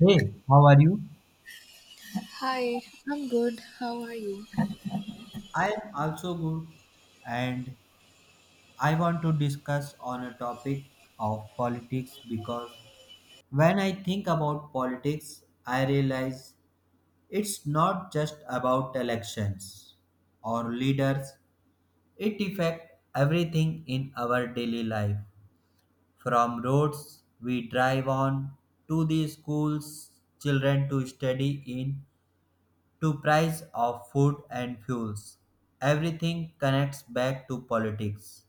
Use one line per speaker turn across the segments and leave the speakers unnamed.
Hey, how are you?
Hi, I'm good. How are you?
I am also good, and I want to discuss on a topic of politics because when I think about politics I realize it's not just about elections or leaders, it affects everything in our daily life, from roads we drive on to the schools children to study in, to price of food and fuels. Everything connects back to politics.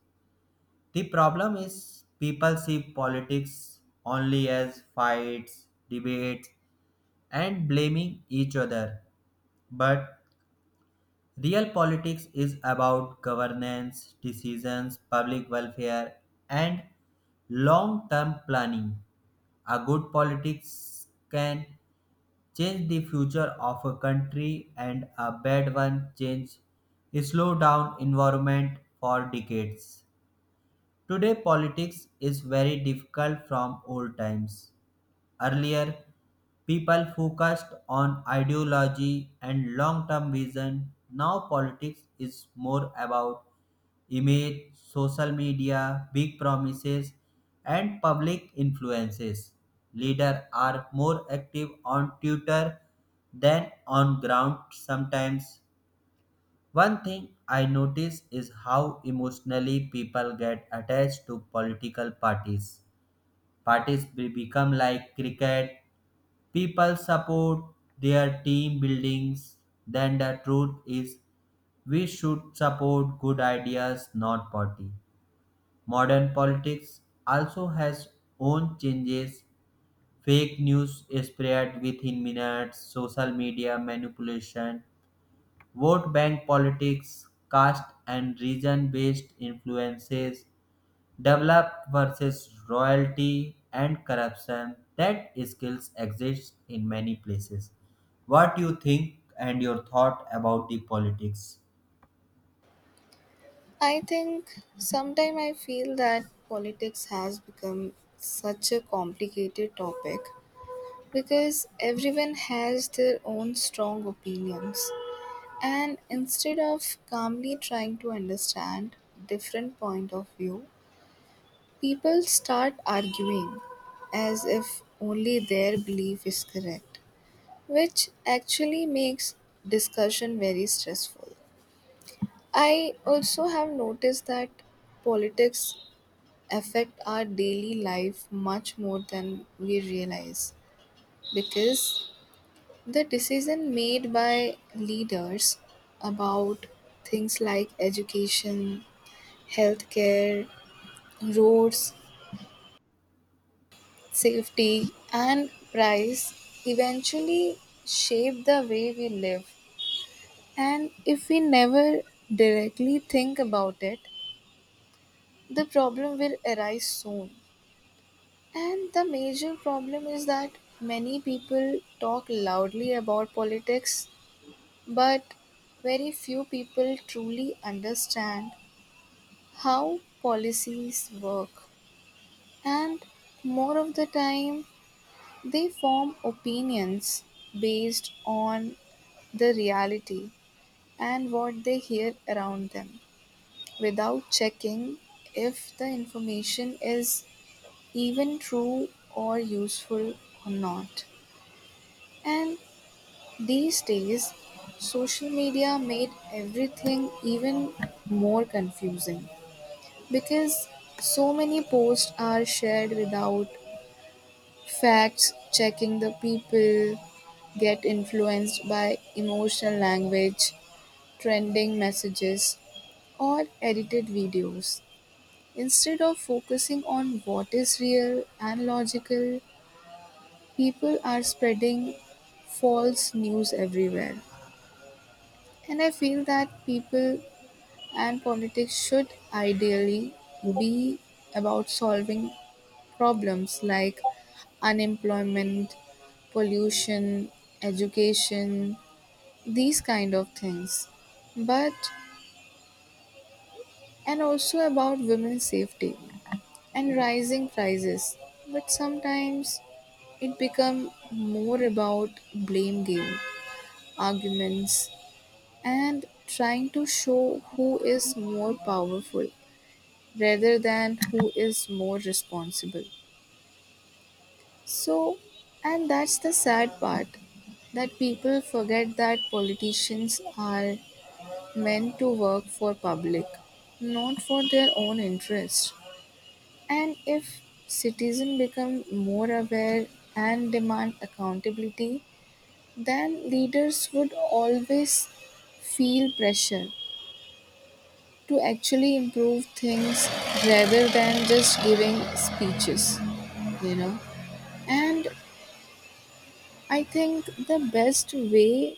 The problem is people see politics only as fights, debates, and blaming each other. But real politics is about governance, decisions, public welfare, and long term planning. A good politics can change the future of a country, and a bad one change slow down environment for decades. Today politics is very difficult from old times. Earlier people focused on ideology and long term vision. Now politics is more about image, social media, big promises, and public influences. Leaders are more active on Twitter than on ground sometimes. One thing I notice is how emotionally people get attached to political parties. Parties become like cricket, people support their team buildings, then the truth is we should support good ideas, not party. Modern politics also has own changes. Fake news spread within minutes, social media manipulation, vote bank politics, caste and region based influences, developed versus royalty and corruption. That skills exist in many places. What you think and your thought about the politics?
I think sometime I feel that politics has become such a complicated topic because everyone has their own strong opinions and instead of calmly trying to understand different point of view, people start arguing as if only their belief is correct, which actually makes discussion very stressful. I also have noticed that politics affect our daily life much more than we realize because the decision made by leaders about things like education, healthcare, roads, safety and price eventually shape the way we live, and if we never directly think about it, the problem will arise soon. And the major problem is that many people talk loudly about politics, but very few people truly understand how policies work. And more of the time, they form opinions based on the reality and what they hear around them without checking if the information is even true or useful or not. And these days, social media made everything even more confusing because so many posts are shared without facts checking, the people get influenced by emotional language, trending messages, or edited videos. Instead of focusing on what is real and logical, people are spreading false news everywhere. And I feel that people And politics should ideally be about solving problems like unemployment, pollution, education, these kind of things. But and also about women's safety and rising prices. But sometimes it become more about blame game, arguments and trying to show who is more powerful rather than who is more responsible. So, and that's the sad part that people forget that politicians are meant to work for public, not for their own interest. And if citizens become more aware and demand accountability, then leaders would always feel pressure to actually improve things rather than just giving speeches you know And I think the best way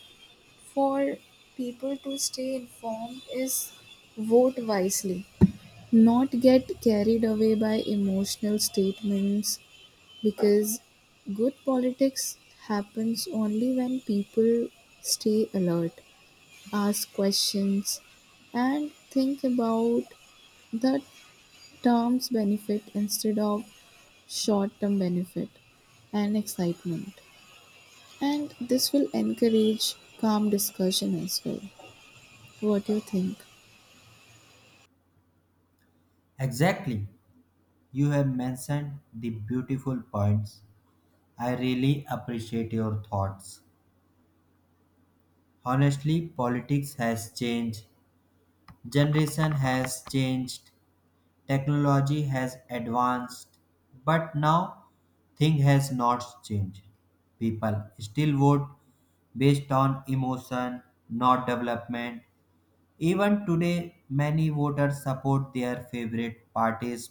for people to stay informed is vote wisely, not get carried away by emotional statements because good politics happens only when people stay alert, ask questions, and think about the term's benefit instead of short term benefit and excitement. And this will encourage calm discussion as well. What do you think?
Exactly. You have mentioned the beautiful points. I really appreciate your thoughts. Honestly, politics has changed, generation has changed, technology has advanced, but now thing has not changed. People still vote based on emotion, not development. Even today, many voters support their favorite parties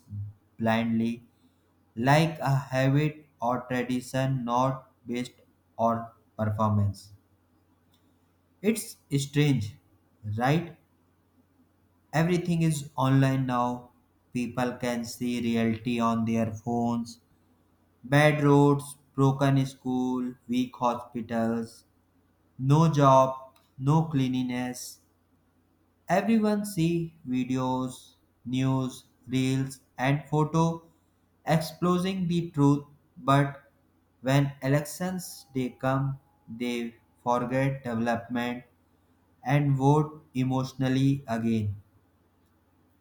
blindly, like a habit or tradition, not based on performance. It's strange, right? Everything is online now. People can see reality on their phones. Bad roads, broken school, weak hospitals, no job, no cleanliness. Everyone see videos, news, reels and photo exposing the truth, but when elections they come, they forget development and vote emotionally again.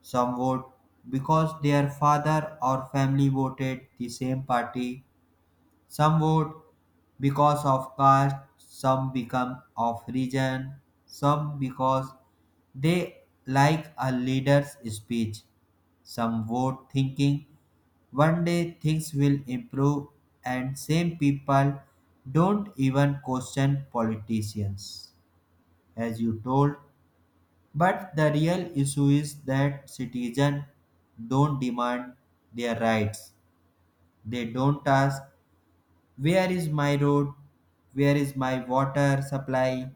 Some vote because their father or family voted the same party. Some vote because of caste. Some become of region. Some because they like a leader's speech. Some vote thinking one day things will improve, and same people don't even question politicians. As you told, but the real issue is that citizens don't demand their rights. They don't ask, where is my road? Where is my water supply?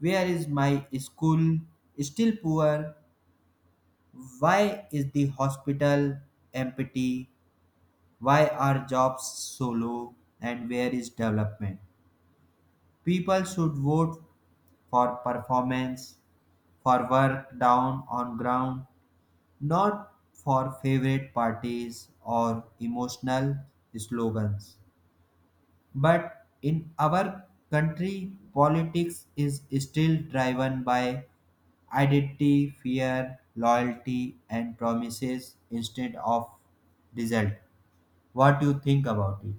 Where is my school? Still poor. Why is the hospital empty? Why are jobs so low? And where is development? People should vote for performance, for work down on ground, not for favorite parties or emotional slogans. But in our country, politics is still driven by identity, fear, loyalty, and promises instead of result. What do you think about it?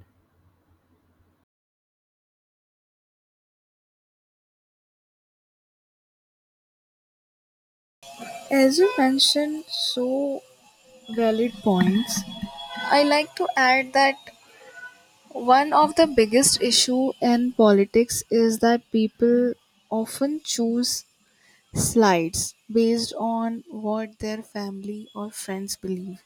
As you mentioned, so valid points. I like to add that one of the biggest issue in politics is that people often choose sides based on what their family or friends believe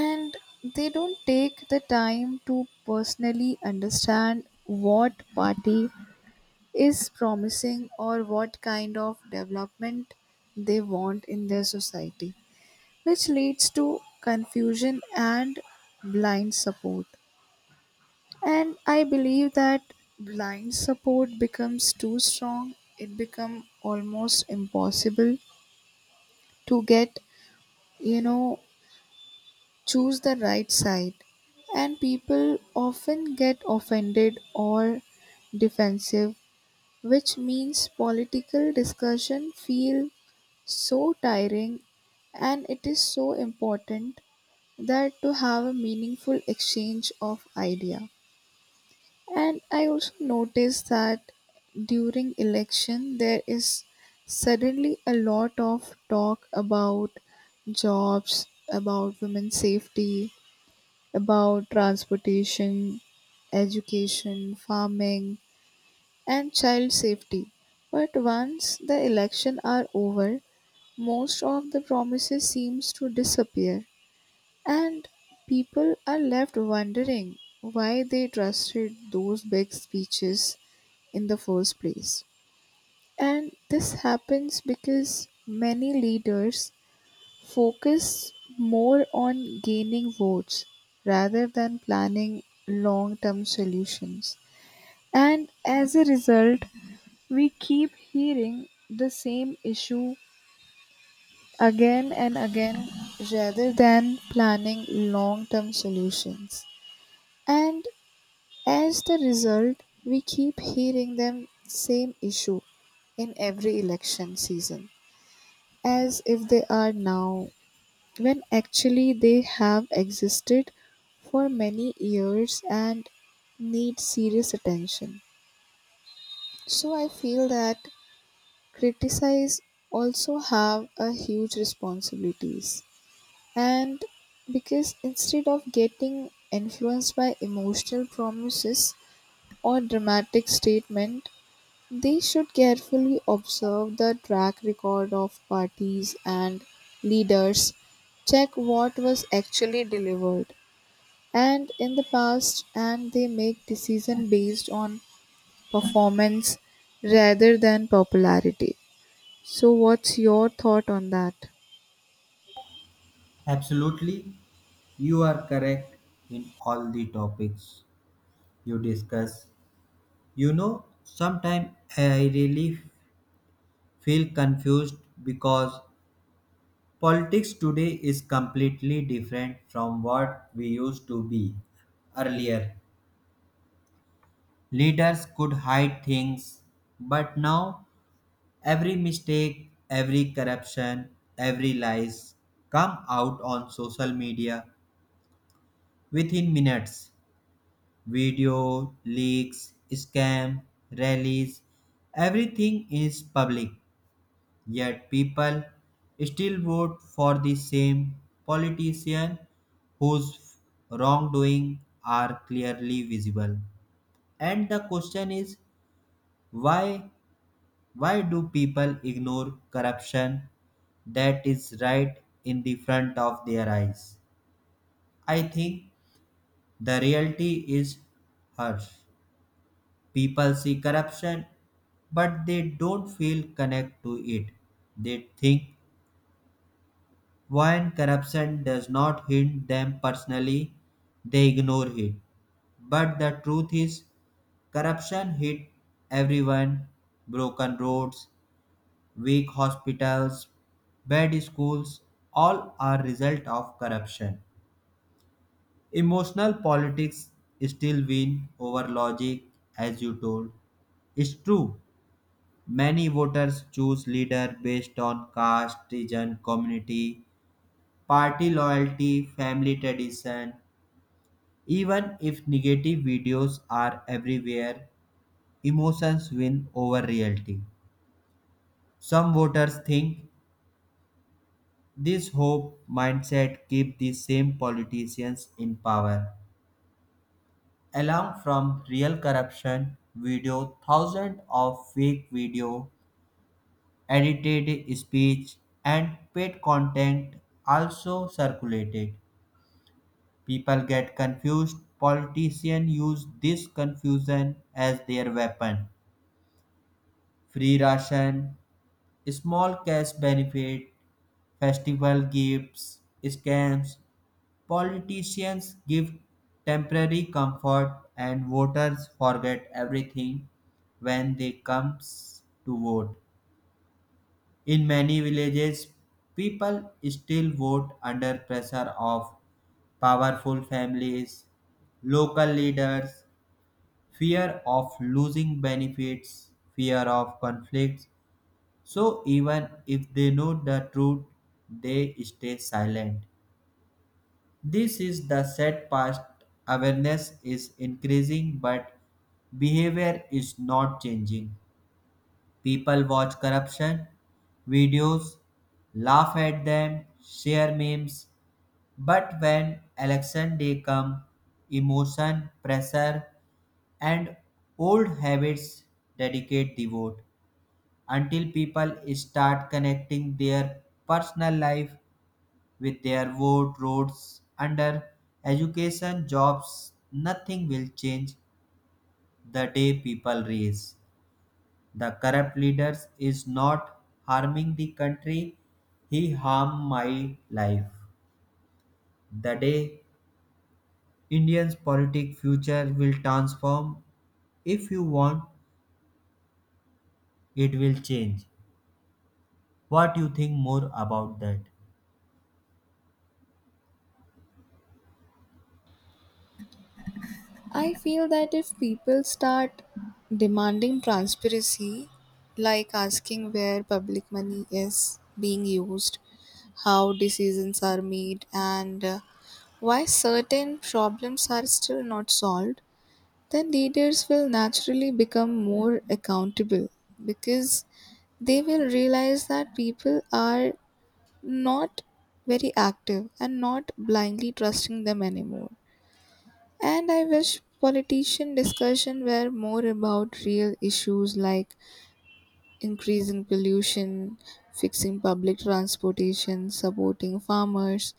and they don't take the time to personally understand what party is promising or what kind of development they want in their society, which leads to confusion and blind support. And I believe that blind support becomes too strong, it becomes almost impossible to get, you know, choose the right side. And people often get offended or defensive, which means political discussion feel so tiring, and it is so important that to have a meaningful exchange of idea. And I also noticed that during election there is suddenly a lot of talk about jobs, about women's safety, about transportation, education, farming and child safety. But once the election are over, most of the promises seems to disappear and people are left wondering why they trusted those big speeches in the first place. And this happens because many leaders focus more on gaining votes rather than planning long term solutions. And as a result, we keep hearing the same issue again and again rather than planning long term solutions. And as the result, we keep hearing them same issue in every election season as if they are now, when actually they have existed for many years and need serious attention. So I feel that criticize also have a huge responsibilities and because instead of getting influenced by emotional promises or dramatic statement they should carefully observe the track record of parties and leaders, check what was actually delivered and in the past, and they make decision based on performance rather than popularity. So, what's your thought on that?
Absolutely, you are correct in all the topics you discuss. You know, sometimes I really feel confused because politics today is completely different from what we used to be earlier. Leaders could hide things, but now every mistake, every corruption, every lies come out on social media within minutes. Video leaks, scam, rallies, everything is public. Yet people still vote for the same politician whose wrongdoing are clearly visible. And the question is why why do people ignore corruption that is right in the front of their eyes? I think the reality is harsh. People see corruption but they don't feel connect to it. They think when corruption does not hit them personally, they ignore it. But the truth is, corruption hit everyone, broken roads, weak hospitals, bad schools, all are result of corruption. Emotional politics still win over logic, as you told. It's true. Many voters choose leader based on caste, region, community, party loyalty, family tradition. Even if negative videos are everywhere, emotions win over reality. Some voters think this hope mindset keep the same politicians in power. Along from real corruption video, thousands of fake video, edited speech, and paid content also circulated. People get confused. Politicians use this confusion as their weapon, free ration, small cash benefit, festival gifts, scams, politicians give temporary comfort, and voters forget everything when they comes to vote. In many villages, people still vote under pressure of powerful families, local leaders, fear of losing benefits, fear of conflicts. So even if they know the truth, they stay silent. This is the sad past. Awareness is increasing, but behavior is not changing. People watch corruption videos, laugh at them, share memes. But when election day come, emotion, pressure, and old habits dedicate the vote. Until people start connecting their personal life with their vote, roads under education jobs, nothing will change. The day people raise the corrupt leaders is not harming the country, he harmed my life, the day Indians politic future will transform. If you want, it will change. What you think more about that?
I feel that if people start demanding transparency, like asking where public money is being used, how decisions are made, and why certain problems are still not solved, then leaders will naturally become more accountable because they will realize that people are not very active and not blindly trusting them anymore. And I wish politician discussion were more about real issues like increasing pollution, fixing public transportation, supporting farmers,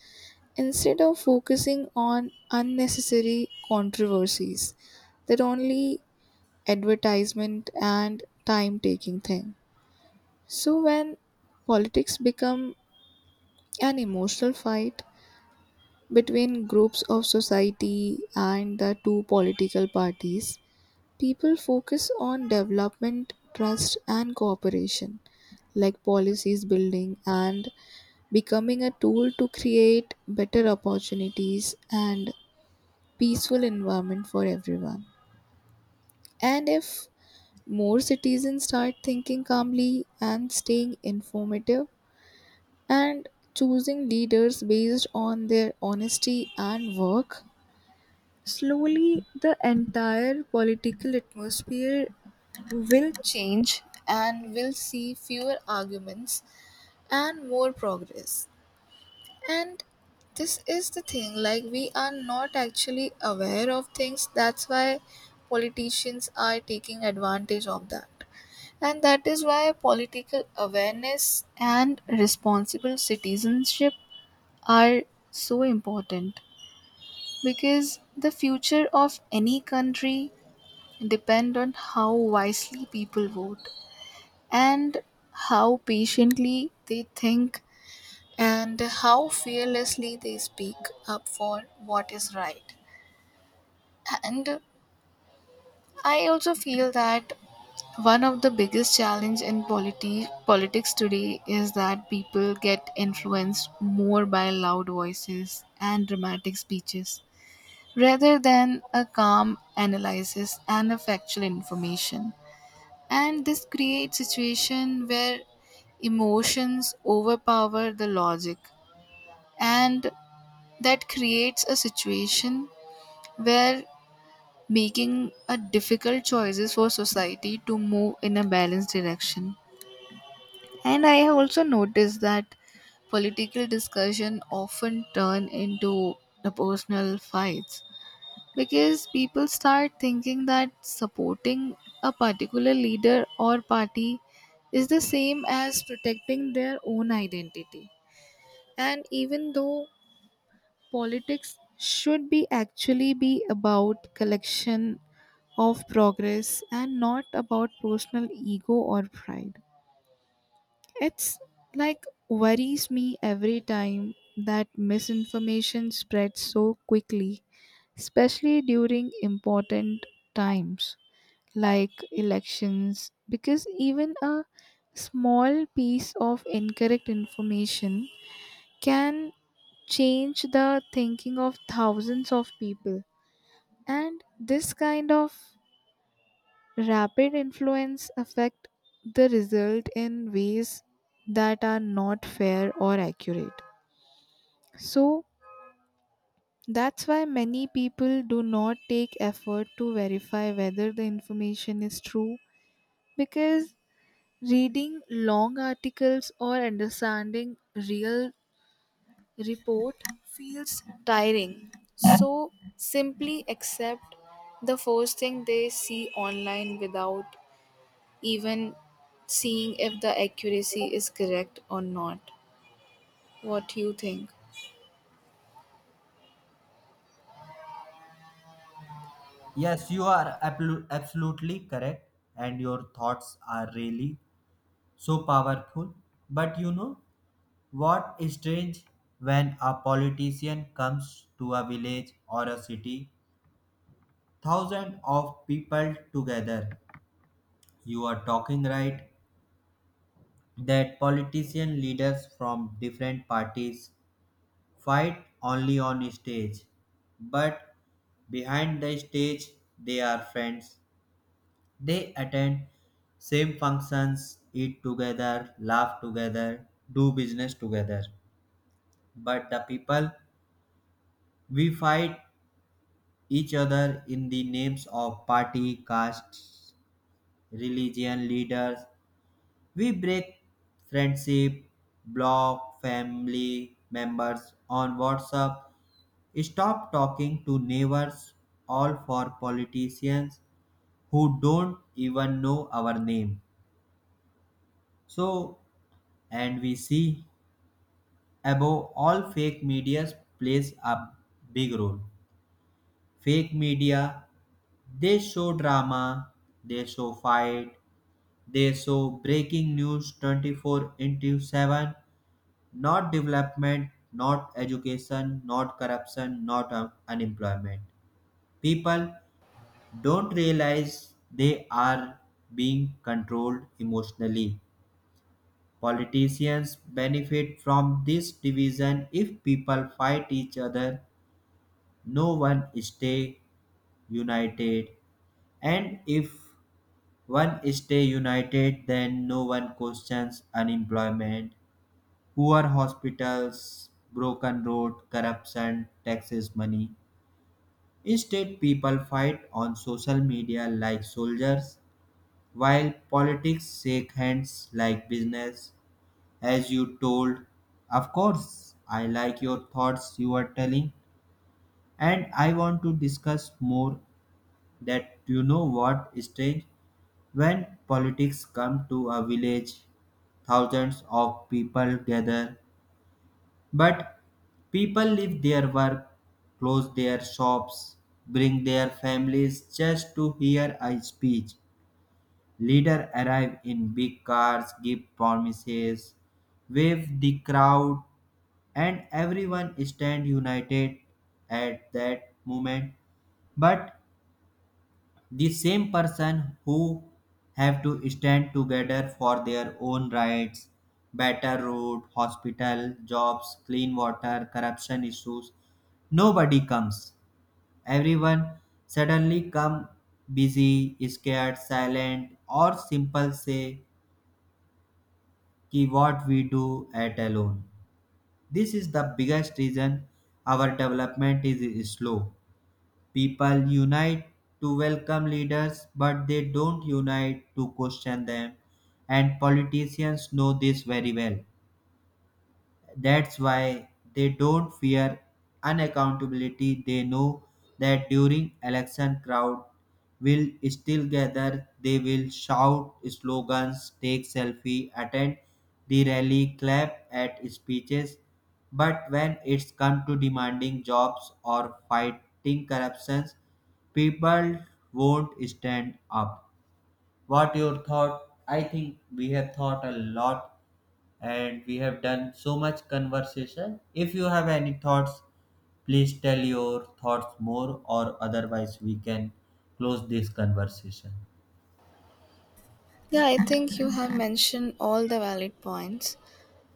instead of focusing on unnecessary controversies that only advertisement and time taking thing. So when politics become an emotional fight between groups of society and the two political parties, people focus on development, trust and cooperation, like policies building and becoming a tool to create better opportunities and peaceful environment for everyone. And if more citizens start thinking calmly and staying informative and choosing leaders based on their honesty and work, slowly, the entire political atmosphere will change and will see fewer arguments and more progress. And this is the thing like, we are not actually aware of things, that's why politicians are taking advantage of that. And that is why political awareness and responsible citizenship are so important because the future of any country depend on how wisely people vote and how patiently they think and how fearlessly they speak up for what is right. And I also feel that one of the biggest challenge in politics today is that people get influenced more by loud voices and dramatic speeches rather than a calm analysis and a factual information. And this creates situation where emotions overpower the logic and that creates a situation where making a difficult choices for society to move in a balanced direction. And I have also noticed that political discussion often turn into the personal fights because people start thinking that supporting a particular leader or party is the same as protecting their own identity, and even though politics should be actually be about collection of progress and not about personal ego or pride, it's like worries me every time that misinformation spreads so quickly, especially during important times like elections, because even a small piece of incorrect information can change the thinking of thousands of people, and this kind of rapid influence affect the result in ways that are not fair or accurate. So that's why many people do not take effort to verify whether the information is true because reading long articles or understanding real report feels tiring. So simply accept the first thing they see online without even seeing if the accuracy is correct or not. What do you think?
Yes, you are absolutely correct, and your thoughts are really so powerful. But you know what is strange, when a politician comes to a village or a city, thousands of people together. You are talking right that politician leaders from different parties fight only on stage, but behind the stage they are friends. They attend same functions, eat together, laugh together, do business together. But the people, we fight each other in the names of party, caste, religion, leaders. We break friendship, block family members on WhatsApp, stop talking to neighbors, all for politicians who don't even know our name. So, and we see above all, fake media plays a big role. Fake media, they show drama, they show fight, they show breaking news 24/7, not development, not education, not corruption, not unemployment. People don't realize they are being controlled emotionally. Politicians benefit from this division, if people fight each other no one stay united, and if one stay united then no one questions unemployment, poor hospitals, broken road, corruption, taxes money. Instead people fight on social media like soldiers, while politics shake hands like business, as you told. Of course I like your thoughts you are telling, and I want to discuss more. That you know what is strange, when politics come to a village, thousands of people gather. But people leave their work, close their shops, bring their families just to hear a speech. Leader arrive in big cars, give promises, wave the crowd, and everyone stand united at that moment. But the same person who have to stand together for their own rights, better road, hospital, jobs, clean water, corruption issues, nobody comes. Everyone suddenly come busy, scared, silent, or simple say, ki what we do at alone. This is the biggest reason our development is slow. People unite to welcome leaders, but they don't unite to question them, and politicians know this very well. That's why they don't fear unaccountability. They know that during election crowd will still gather. They will shout slogans, take selfie, attend the rally, clap at speeches. But when it's come to demanding jobs or fighting corruptions, people won't stand up. What your thought? I think we have thought a lot and we have done so much conversation. If you have any thoughts, please tell your thoughts more, or otherwise, we can close this conversation.
Yeah, I think you have mentioned all the valid points.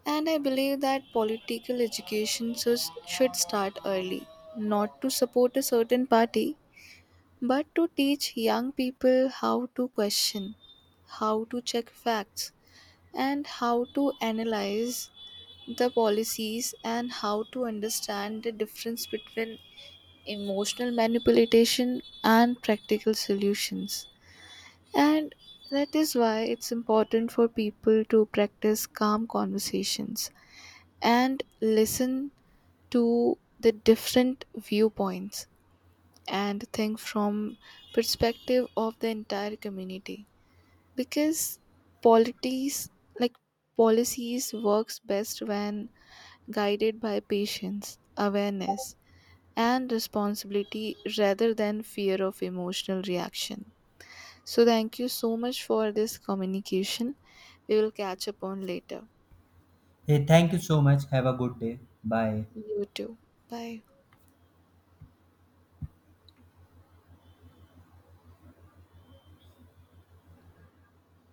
And I believe that political education should start early, not to support a certain party, but to teach young people how to question, how to check facts, and how to analyze the policies and how to understand the difference between emotional manipulation and practical solutions. And that is why it's important for people to practice calm conversations and listen to the different viewpoints and think from perspective of the entire community because polities like policies works best when guided by patience awareness and responsibility rather than fear of emotional reaction. So thank you so much for this communication, we will catch up on later.
Hey, thank you so much. Have a good day. Bye.
You too. Bye.